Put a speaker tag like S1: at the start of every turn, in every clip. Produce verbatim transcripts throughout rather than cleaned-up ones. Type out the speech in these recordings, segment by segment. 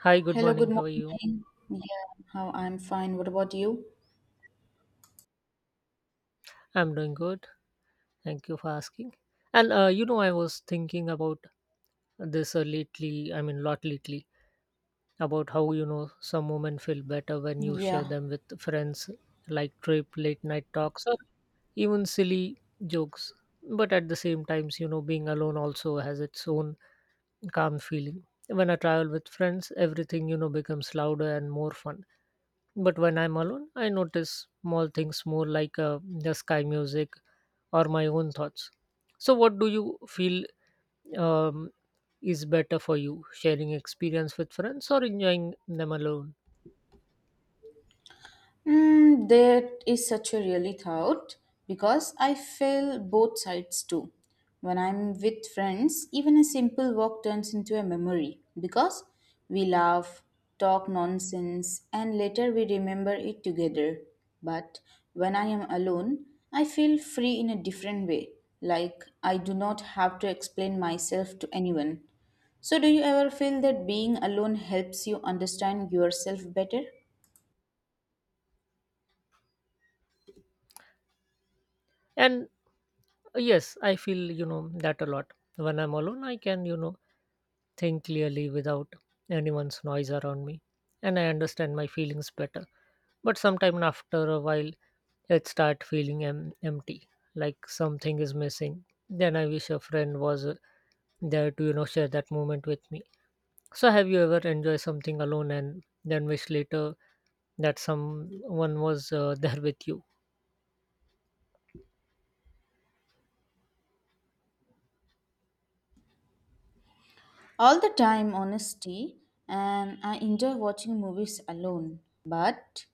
S1: Hi, good
S2: Hello, good
S1: morning. How are you?
S2: morning. Yeah, how I'm fine. What about you?
S1: I'm doing good. Thank you for asking. And uh, you know, I was thinking about this uh, lately, I mean, lot lately, about how, you know, some women feel better when you share
S2: Yeah.
S1: them with friends, like trip, late night talks, or even silly jokes. But at the same times, you know, being alone also has its own calm feeling. When I travel with friends, everything, you know, becomes louder and more fun. But when I'm alone, I notice small things more like uh, the sky music or my own thoughts. So, what do you feel um, is better for you, sharing experience with friends or enjoying them alone?
S2: Mm, that is such a really thought because I feel both sides too. When I'm with friends, even a simple walk turns into a memory because we laugh, talk nonsense, and later we remember it together. But when I am alone, I feel free in a different way, like I do not have to explain myself to anyone. So, do you ever feel that being alone helps you understand yourself better?
S1: And uh, yes, I feel you know that a lot. When I'm alone, I can you know think clearly without anyone's noise around me, and I understand my feelings better. But sometime after a while, it start feeling em- empty, like something is missing. Then I wish a friend was uh, there to you know share that moment with me. So, have you ever enjoyed something alone and then wish later that someone was uh, there with you?
S2: All the time, honestly, and I enjoy watching movies alone. But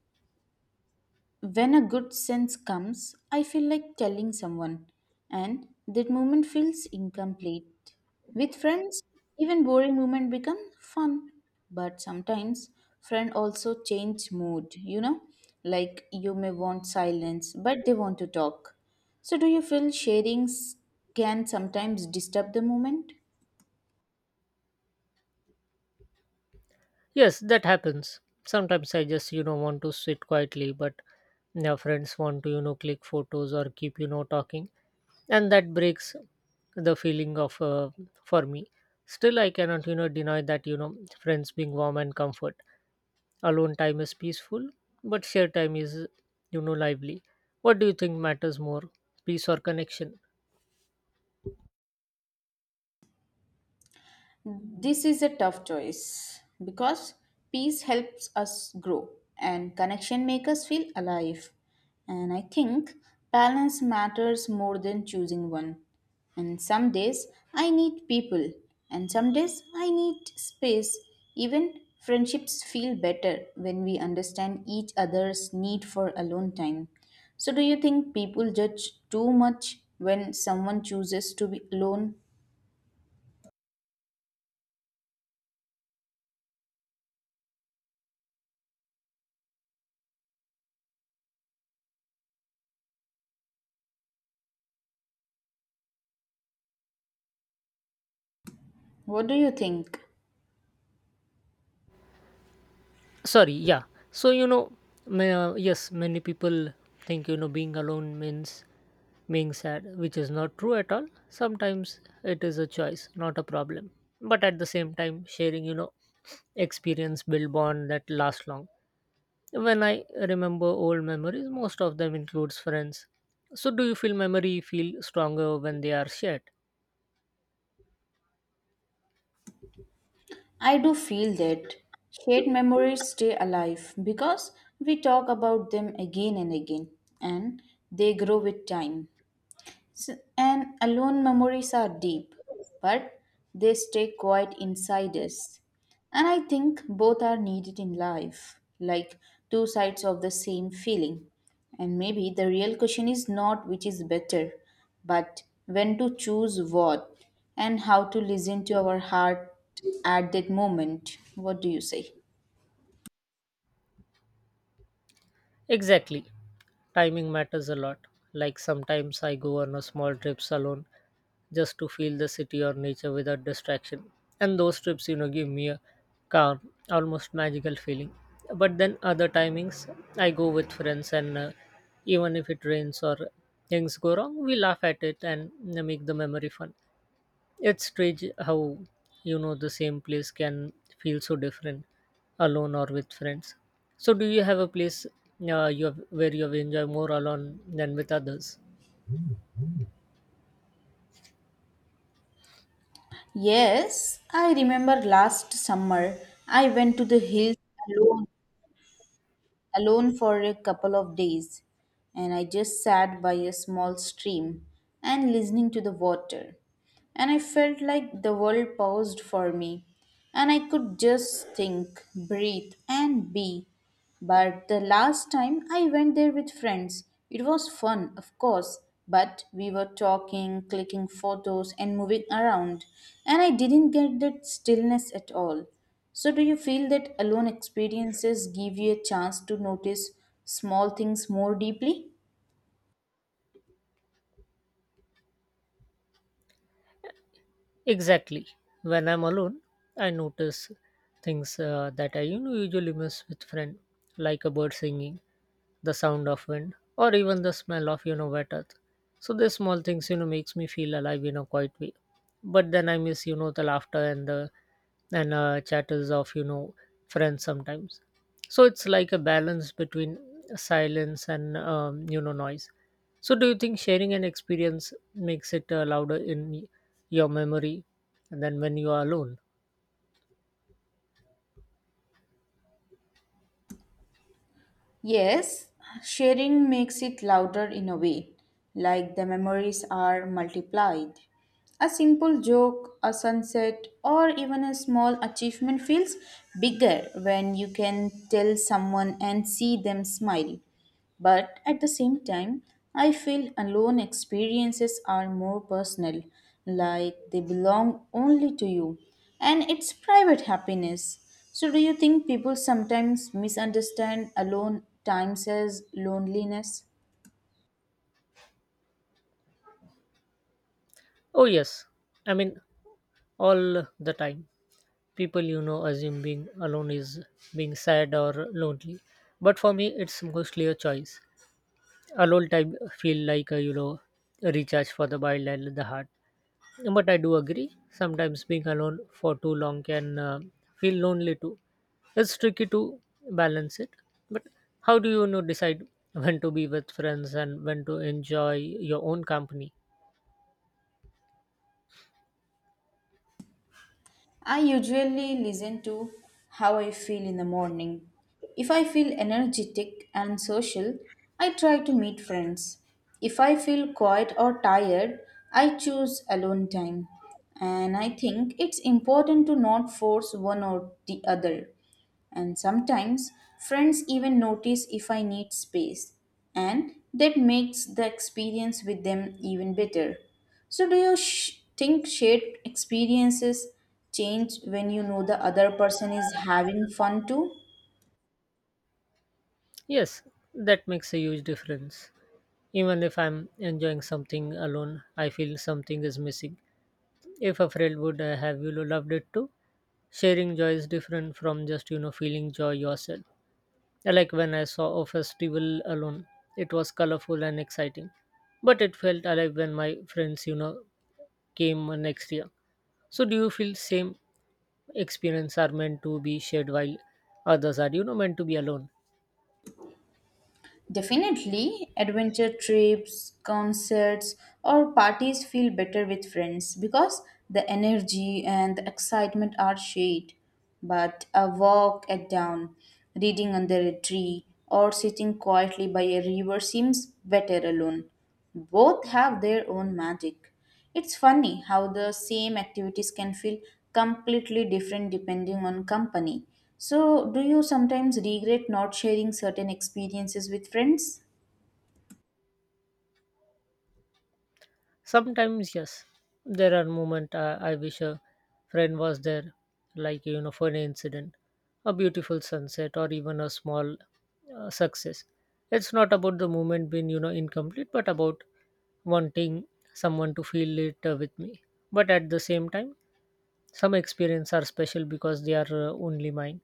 S2: when a good sense comes, I feel like telling someone, and that moment feels incomplete. With friends, even boring moment become fun. But sometimes friend also change mood, you know? Like you may want silence, but they want to talk. So do you feel sharings can sometimes disturb the moment?
S1: Yes, that happens. Sometimes I just, you know, want to sit quietly, but their friends want to, you know, click photos or keep, you know, talking. And that breaks the feeling of uh, for me. Still, I cannot, you know, deny that, you know, friends being warm and comfort. Alone time is peaceful, but shared time is, you know, lively. What do you think matters more, peace or connection?
S2: This is a tough choice because peace helps us grow and connection makes us feel alive. And I think balance matters more than choosing one. And some days I need people, and some days I need space. Even friendships feel better when we understand each other's need for alone time. So, do you think people judge too much when someone chooses to be alone? What do you think?
S1: Sorry, yeah. So, you know, ma- yes, many people think, you know, being alone means being sad, which is not true at all. Sometimes it is a choice, not a problem. But at the same time, sharing, you know, experience build bond that last long. When I remember old memories, most of them includes friends. So, do you feel memory feel stronger when they are shared?
S2: I do feel that shared memories stay alive because we talk about them again and again and they grow with time. S- And alone memories are deep, but they stay quite inside us. And I think both are needed in life, like two sides of the same feeling. And maybe the real question is not which is better, but when to choose what and how to listen to our heart at that moment. What do you say?
S1: Exactly. Timing matters a lot. Like sometimes I go on a small trips alone just to feel the city or nature without distraction. And those trips, you know, give me a calm, almost magical feeling. But then other timings, I go with friends, and uh, even if it rains or things go wrong, we laugh at it and uh, make the memory fun. It's strange how, you know, the same place can feel so different alone or with friends. So, do you have a place uh, you have, where you have enjoyed more alone than with others?
S2: Yes, I remember last summer I went to the hills alone alone for a couple of days, and I just sat by a small stream and listening to the water. And I felt like the world paused for me, and I could just think, breathe, and be. But the last time I went there with friends, it was fun, of course, but we were talking, clicking photos, and moving around, and I didn't get that stillness at all. So, do you feel that alone experiences give you a chance to notice small things more deeply?
S1: Exactly. When I'm alone, I notice things uh, that I you know, usually miss with friend, like a bird singing, the sound of wind, or even the smell of you know wet earth. So these small things you know makes me feel alive in a quiet way. But then I miss you know the laughter and the and uh, chatters of you know friends sometimes. So it's like a balance between silence and um, you know noise. So do you think sharing an experience makes it uh, louder in me? Your memory and then when you are alone.
S2: Yes, sharing makes it louder in a way, like the memories are multiplied. A simple joke, a sunset, or even a small achievement feels bigger when you can tell someone and see them smile. But at the same time, I feel alone experiences are more personal, like they belong only to you, and it's private happiness. So, do you think people sometimes misunderstand alone times as loneliness?
S1: Oh, yes, I mean, all the time people you know assume being alone is being sad or lonely, but for me it's mostly a choice. Alone time feel like a you know a recharge for the mind and the heart, but I do agree sometimes being alone for too long can uh, feel lonely too. It's tricky to balance it, but how do you, you know decide when to be with friends and when to enjoy your own company?
S2: I usually listen to how I feel in the morning. If I feel energetic and social, I try to meet friends. If I feel quiet or tired, I choose alone time. And I think it's important to not force one or the other. And sometimes friends even notice if I need space, and that makes the experience with them even better. So, do you sh- think shared experiences change when you know the other person is having fun too?
S1: Yes, that makes a huge difference. Even if I'm enjoying something alone, I feel something is missing. If a friend would uh, have you loved it too, sharing joy is different from just you know feeling joy yourself. Like when I saw a festival alone, it was colorful and exciting, but it felt alive when my friends you know came uh, next year. So do you feel same experience are meant to be shared while others are you know meant to be alone?
S2: Definitely, adventure trips, concerts, or parties feel better with friends because the energy and the excitement are shared. But a walk at dawn, reading under a tree, or sitting quietly by a river seems better alone. Both have their own magic. It's funny how the same activities can feel completely different depending on company. So, do you sometimes regret not sharing certain experiences with friends?
S1: Sometimes, yes, there are moments uh, I wish a friend was there, like you know, for an incident, a beautiful sunset, or even a small uh, success. It's not about the moment being you know incomplete, but about wanting someone to feel it uh, with me. But at the same time, some experiences are special because they are uh, only mine.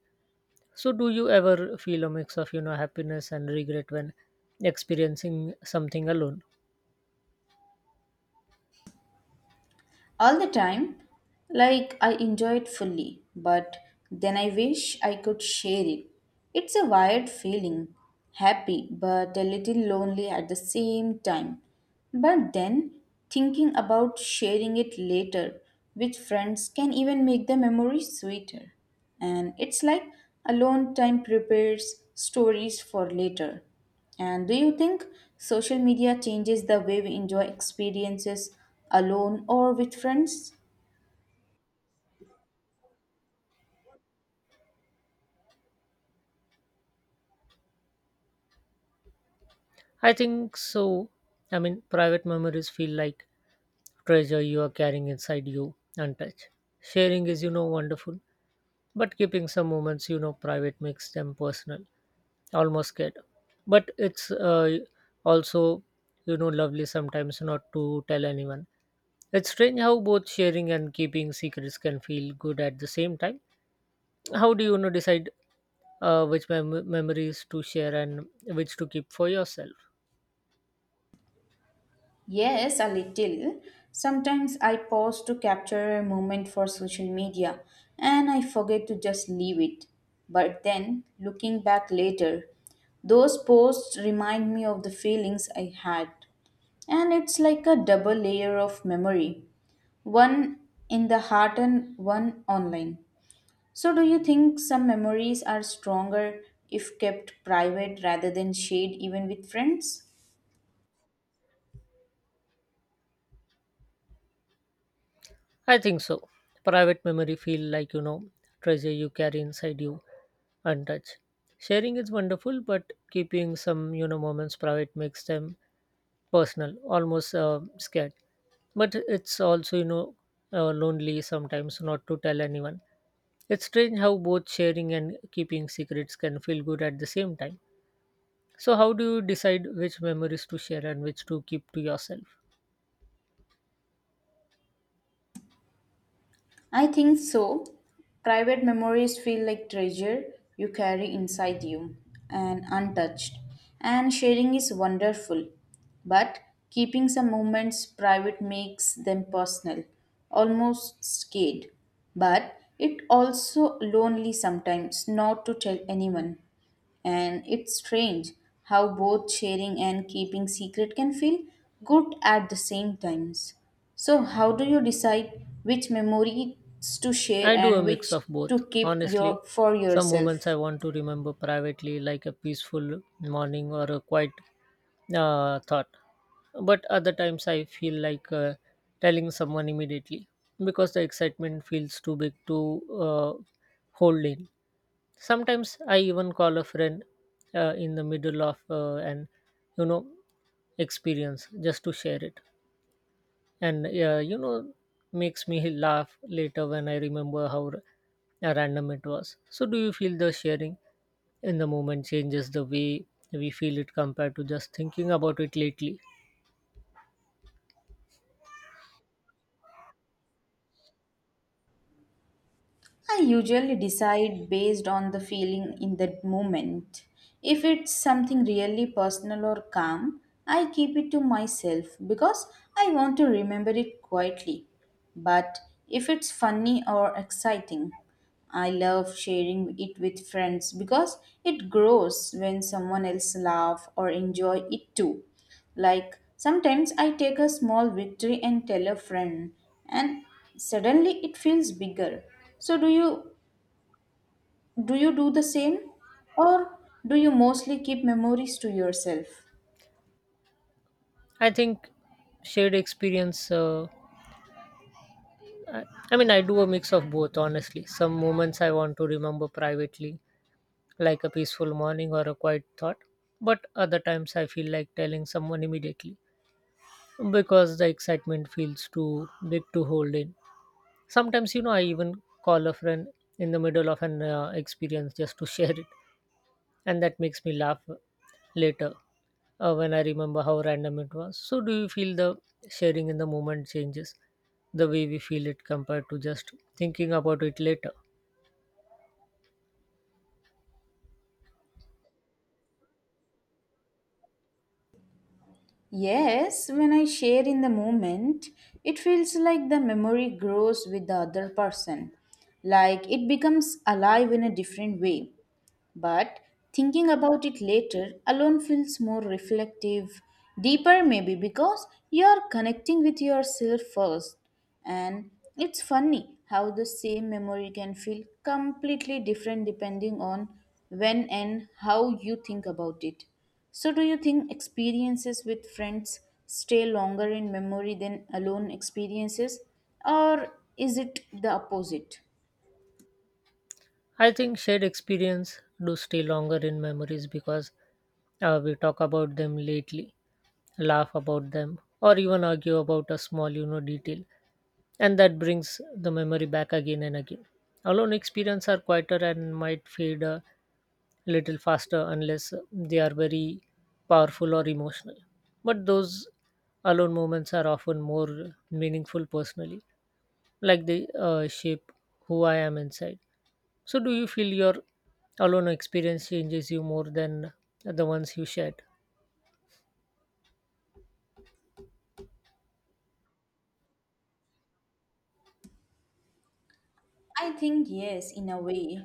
S1: So, do you ever feel a mix of you know happiness and regret when experiencing something alone?
S2: All the time, like I enjoy it fully, but then I wish I could share it. It's a wired feeling, happy but a little lonely at the same time. But then, thinking about sharing it later with friends can even make the memory sweeter. And it's like alone time prepares stories for later. And do you think social media changes the way we enjoy experiences alone or with friends?
S1: I think so. I mean, private memories feel like treasure you are carrying inside you, untouched. Sharing is, you know, wonderful, but keeping some moments, you know, private makes them personal, almost scared. But it's uh, also, you know, lovely sometimes not to tell anyone. It's strange how both sharing and keeping secrets can feel good at the same time. How do you, you know decide uh, which mem- memories to share and which to keep for yourself?
S2: Yes, a little. Sometimes I pause to capture a moment for social media and I forget to just leave it. But then, looking back later, those posts remind me of the feelings I had. And it's like a double layer of memory one in the heart and one online. So, do you think some memories are stronger if kept private rather than shared even with friends?
S1: I think so. Private memory feel like you know treasure you carry inside you untouched. Sharing is wonderful, but keeping some you know moments private makes them personal, almost uh, scared. But it's also you know uh, lonely sometimes not to tell anyone. It's strange how both sharing and keeping secrets can feel good at the same time. So how do you decide which memories to share and which to keep to yourself?
S2: I think so. Private memories feel like treasure you carry inside you and untouched. And sharing is wonderful. But keeping some moments private makes them personal, almost scared. But it also lonely sometimes not to tell anyone. And it's strange how both sharing and keeping secret can feel good at the same times. So, how do you decide which memories to share
S1: I do a
S2: and
S1: mix
S2: which
S1: of both.
S2: to keep
S1: Honestly,
S2: your for
S1: some moments
S2: yourself?
S1: I want to remember privately, like a peaceful morning or a quiet uh, thought. But other times I feel like uh, telling someone immediately because the excitement feels too big to uh, hold in. Sometimes I even call a friend uh, in the middle of uh, an you know experience just to share it and uh, you know makes me laugh later when I remember how r- uh, random it was. So do you feel the sharing in the moment changes the way we feel it compared to just thinking about it lately?
S2: I usually decide based on the feeling in that moment. If it's something really personal or calm, I keep it to myself because I want to remember it quietly. But if it's funny or exciting, I love sharing it with friends because it grows when someone else laugh or enjoy it too. Like sometimes I take a small victory and tell a friend and suddenly it feels bigger. So do you do you do the same or do you mostly keep memories to yourself?
S1: I think shared experience uh, I, I mean, I do a mix of both, honestly. Some moments I want to remember privately, like a peaceful morning or a quiet thought, but other times I feel like telling someone immediately because the excitement feels too big to hold in. Sometimes, you know, I even call a friend in the middle of an uh, experience just to share it, and that makes me laugh later uh, when I remember how random it was. So, do you feel the sharing in the moment changes the way we feel it compared to just thinking about it later?
S2: Yes, when I share in the moment, it feels like the memory grows with the other person. Like it becomes alive in a different way. But thinking about it later alone feels more reflective, deeper maybe because you are connecting with yourself first. And it's funny how the same memory can feel completely different depending on when and how you think about it. So, do you think experiences with friends stay longer in memory than alone experiences, or is it the opposite?
S1: I think shared experience do stay longer in memories because uh, we talk about them lately, laugh about them, or even argue about a small, you know, detail. And that brings the memory back again and again. Alone experience are quieter and might fade a little faster unless they are very powerful or emotional. But those alone moments are often more meaningful personally, like they uh, shape who I am inside. So, do you feel your alone experience changes you more than the ones you shared?
S2: I think yes, in a way.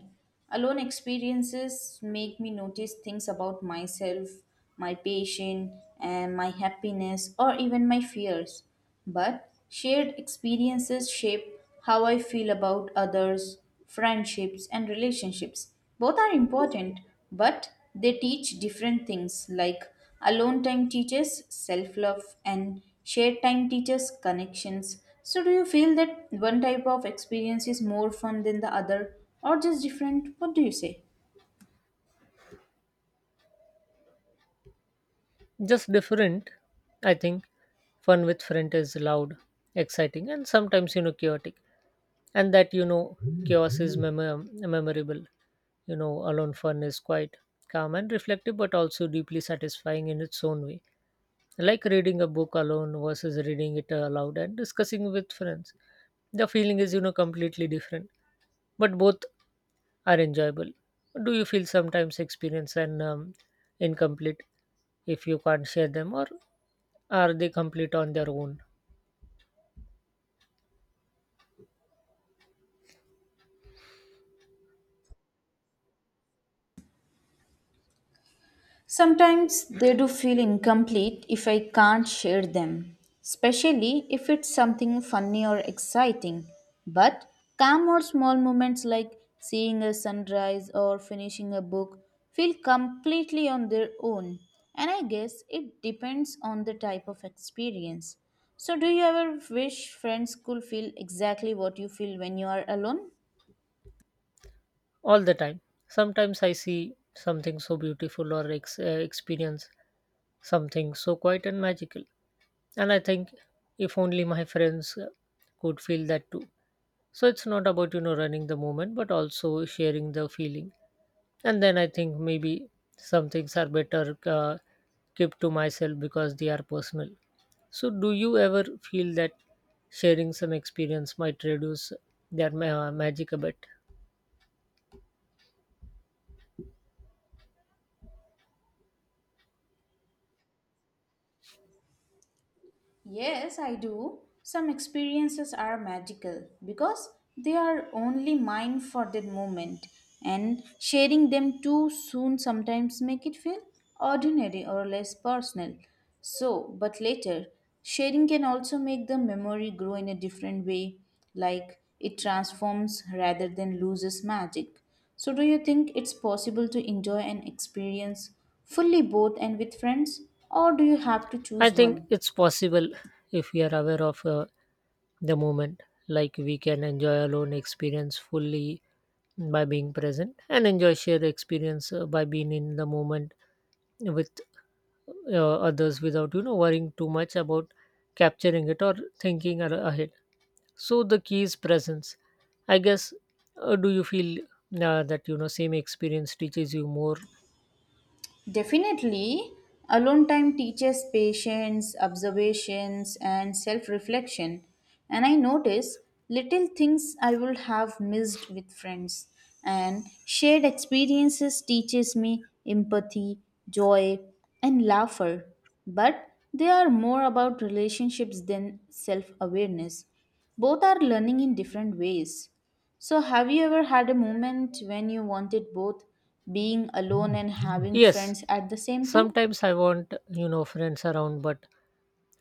S2: Alone experiences make me notice things about myself, my patient, and my happiness, or even my fears. But shared experiences shape how I feel about others, friendships, and relationships. Both are important, but they teach different things like alone time teaches self love and shared time teaches connections. So, do you feel that one type of experience is more fun than the other or just different? What do you say?
S1: Just different, I think. Fun with friend is loud, exciting, and sometimes you know chaotic. And that you know chaos is memo- memorable. You know, alone fun is quite calm and reflective, but also deeply satisfying in its own way, like reading a book alone versus reading it aloud and discussing with friends. The feeling is, you know, completely different, but both are enjoyable. Do you feel sometimes experience and um, incomplete if you can't share them, or are they complete on their own?
S2: Sometimes they do feel incomplete if I can't share them, especially if it's something funny or exciting. But calm or small moments like seeing a sunrise or finishing a book feel completely on their own. And I guess it depends on the type of experience. So, do you ever wish friends could feel exactly what you feel when you are alone?
S1: All the time. Sometimes I see something so beautiful or ex- uh, experience something so quiet and magical, and I think if only my friends uh, could feel that too. So it's not about you know running the moment but also sharing the feeling. And then I think maybe some things are better uh, kept to myself because they are personal. So do you ever feel that sharing some experience might reduce their ma- magic a bit?
S2: Yes, I do. Some experiences are magical because they are only mine for that moment, and sharing them too soon sometimes make it feel ordinary or less personal. So, but later, sharing can also make the memory grow in a different way, like it transforms rather than loses magic. So, do you think it's possible to enjoy an experience fully both and with friends, or do you have to
S1: I
S2: choose
S1: think
S2: one?
S1: it's possible if we are aware of uh, the moment. Like we can enjoy alone experience fully by being present and enjoy shared experience uh, by being in the moment with uh, others without you know worrying too much about capturing it or thinking ar- ahead. So the key is presence, I guess. Uh, do you feel uh, that you know same experience teaches you more?
S2: Definitely, alone time teaches patience, observations, and self reflection. And I notice little things I would have missed with friends. And shared experiences teaches me empathy, joy, and laughter. But they are more about relationships than self awareness. Both are learning in different ways. So, have you ever had a moment when you wanted both being alone and having
S1: Yes.
S2: friends at the same time?
S1: Sometimes I want you know friends around, but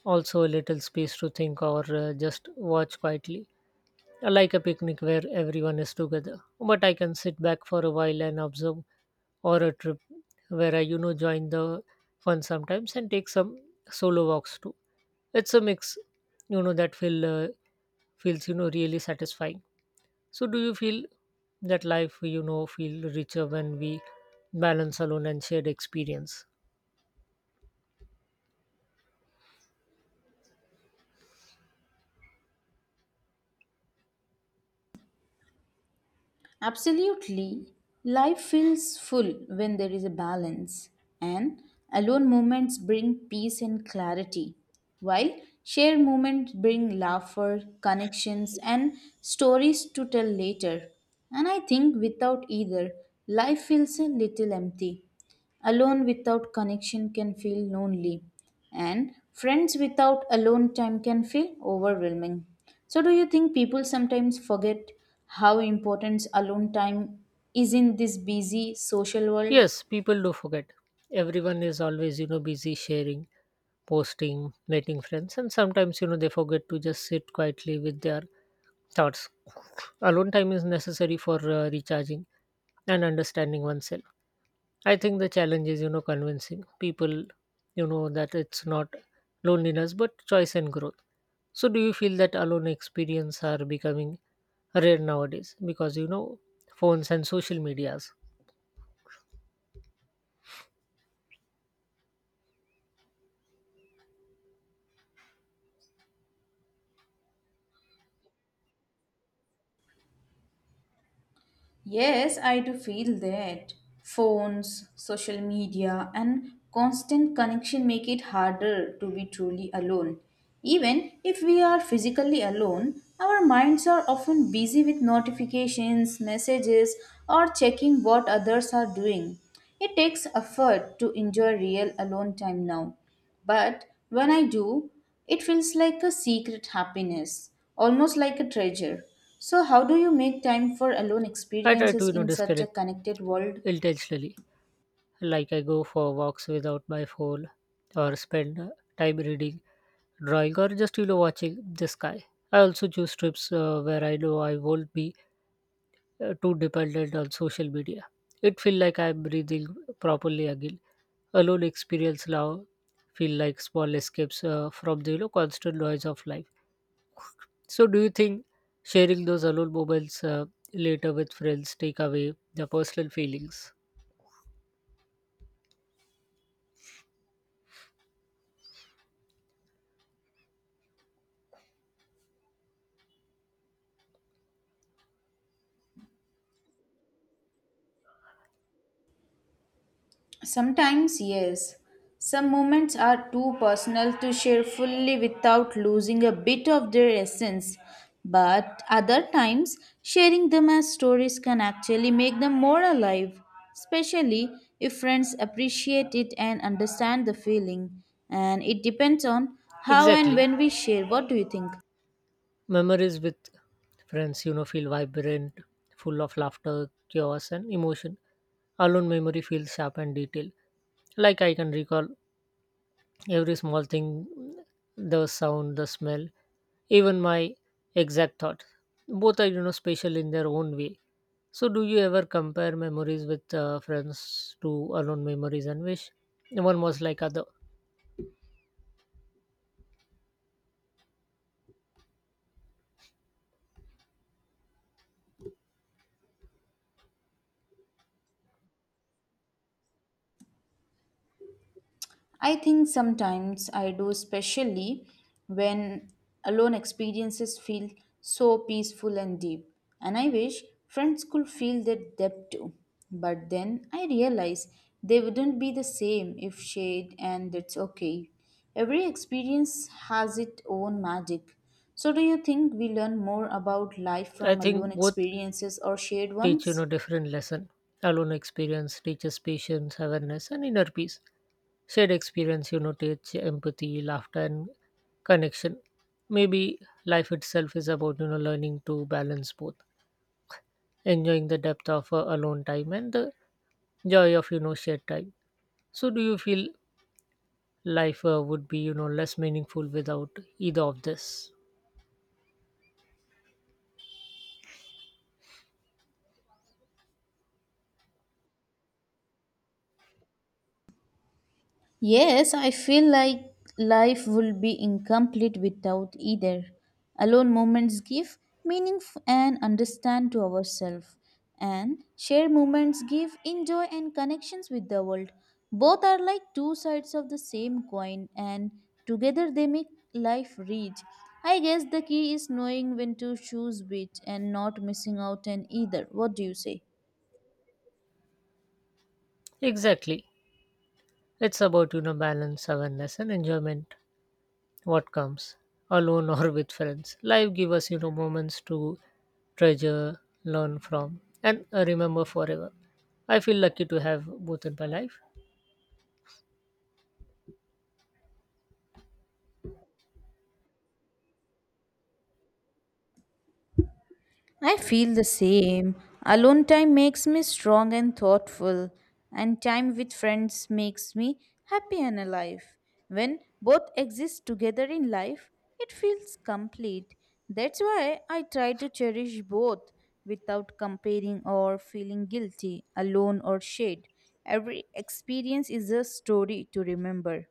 S1: also a little space to think or uh, just watch quietly, like a picnic where everyone is together, but I can sit back for a while and observe, or a trip where I, you know, join the fun sometimes and take some solo walks too. It's a mix, you know, that feel uh, feels you know really satisfying. So, do you feel that life you know feel richer when we balance alone and shared experience?
S2: Absolutely. Life feels full when there is a balance, and alone moments bring peace and clarity, while shared moments bring laughter, connections, and stories to tell later. And I think without either, life feels a little empty. Alone without connection can feel lonely, and friends without alone time can feel overwhelming. So, do you think people sometimes forget how important alone time is in this busy social world?
S1: Yes, people do forget. Everyone is always you know busy sharing posting, meeting friends, and sometimes you know they forget to just sit quietly with their thoughts. Alone time is necessary for uh, recharging and understanding oneself. I think the challenge is you know convincing people you know that it's not loneliness but choice and growth. So do you feel that alone experience are becoming rare nowadays because you know phones and social medias?
S2: Yes, I do feel that. Phones, social media, and constant connection make it harder to be truly alone. Even if we are physically alone, our minds are often busy with notifications, messages, or checking what others are doing. It takes effort to enjoy real alone time now. But when I do, it feels like a secret happiness, almost like a treasure. So, how do you make time for alone
S1: I try to
S2: experiences
S1: you know
S2: in such a
S1: disconnect
S2: connected world?
S1: intentionally like I go for walks without my phone or spend uh, time reading, drawing, or just you know watching the sky. I also choose trips uh, where I know I won't be uh, too dependent on social media. It feel like I'm breathing properly again. Alone experience now feel like small escapes uh, from the you know constant noise of life. So, do you think sharing those alone moments uh, later with friends take away the personal feelings?
S2: Sometimes, yes. Some moments are too personal to share fully without losing a bit of their essence. But other times, sharing them as stories can actually make them more alive, especially if friends appreciate it and understand the feeling. And it depends on how and
S1: Exactly.
S2: when we share. What do you think?
S1: Memories with friends, you know, feel vibrant, full of laughter, chaos, and emotion. Alone, memory feels sharp and detailed. Like I can recall every small thing the sound, the smell, even my exact thoughts. Both are, you know, special in their own way. So, do you ever compare memories with uh, friends to alone memories and wish one was like other?
S2: I think sometimes I do, especially when alone experiences feel so peaceful and deep. And I wish friends could feel that depth too. But then I realize they wouldn't be the same if shared, and that's okay. Every experience has its own magic. So, do you think we learn more about life
S1: I
S2: from alone
S1: think both
S2: experiences or shared
S1: teach you
S2: ones?
S1: know different lesson alone experience teaches patience awareness and inner peace shared experience you know teach empathy laughter and connection maybe life itself is about you know learning to balance both enjoying the depth of uh, alone time and the joy of you know shared time. So do you feel life uh, would be you know less meaningful without either of this?
S2: Yes, I feel like life would be incomplete without either. Alone moments give meaning f- and understand to ourselves, and shared moments give enjoy and connections with the world. Both are like two sides of the same coin, and together they make life rich. I guess the key is knowing when to choose which and not missing out on either. What do you say?
S1: Exactly. It's about you know balance awareness and enjoyment. What comes alone or with friends life gives us you know moments to treasure learn from and uh, remember forever. I feel lucky to have both in my life.
S2: I feel the same. Alone time makes me strong and thoughtful, and time with friends makes me happy and alive. When both exist together in life, it feels complete. That's why I try to cherish both without comparing or feeling guilty, alone or shared. Every experience is a story to remember.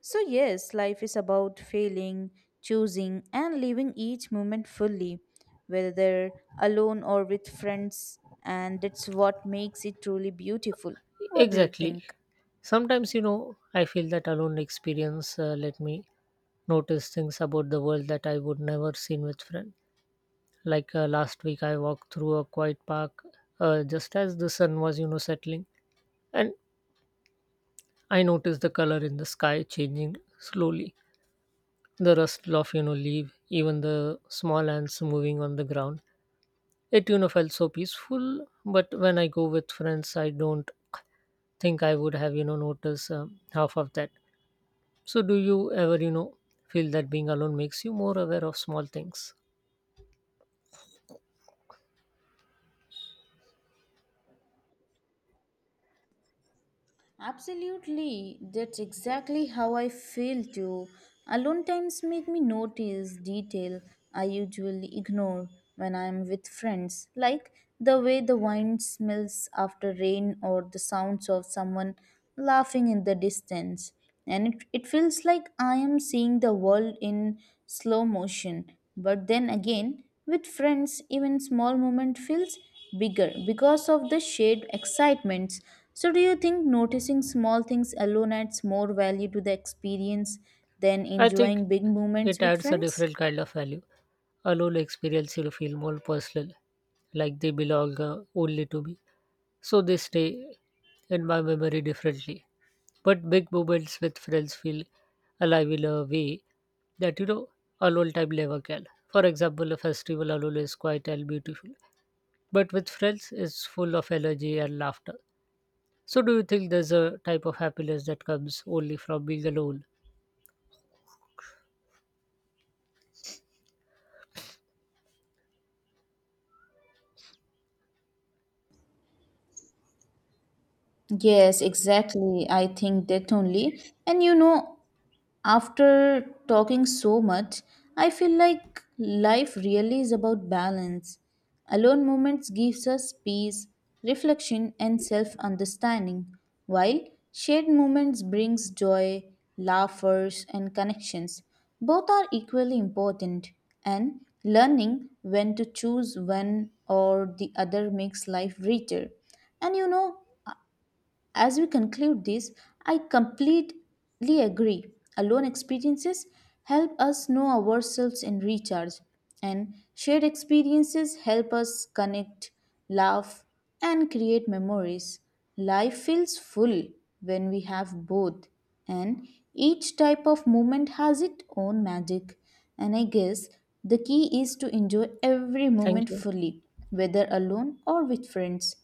S2: So, yes, life is about failing, choosing, and living each moment fully, whether alone or with friends, and that's what makes it truly beautiful. What do you
S1: Exactly.
S2: think?
S1: Sometimes you know I feel that alone experience uh, let me notice things about the world that I would never seen with friends. Like uh, last week I walked through a quiet park uh, just as the sun was you know settling, and I noticed the color in the sky changing slowly, the rustle of you know leaf, even the small ants moving on the ground. It you know felt so peaceful. But when I go with friends, I don't think I would have you know noticed um, half of that. So do you ever you know feel that being alone makes you more aware of small things?
S2: Absolutely, that's exactly how I feel too. Alone times make me notice detail I usually ignore when I am with friends, like the way the wine smells after rain or the sounds of someone laughing in the distance. And it, it feels like I am seeing the world in slow motion. But then again, with friends, even small moment feels bigger because of the shared excitements. So do you think noticing small things alone adds more value to the experience than
S1: I think
S2: enjoying big moments
S1: it
S2: with
S1: adds a
S2: friends?
S1: different kind of value. Alone experience you feel more personal, like they belong uh, only to me. So they stay in my memory differently. But big moments with friends feel alive in a way that you know alone time never can. For example, a festival alone is quiet and beautiful, but with friends, it's full of energy and laughter. So, do you think there's a type of happiness that comes only from being alone?
S2: Yes, exactly. I think that only. And you know, after talking so much, I feel like life really is about balance. Alone moments gives us peace, reflection and self-understanding, while shared moments brings joy, laughers and connections. Both are equally important and learning when to choose one or the other makes life richer. And you know, as we conclude this, I completely agree. Alone experiences help us know ourselves and recharge, and shared experiences help us connect, laugh, and create memories. Life feels full when we have both, and each type of moment has its own magic. And I guess the key is to enjoy every moment
S1: Thank you.
S2: fully, whether alone or with friends.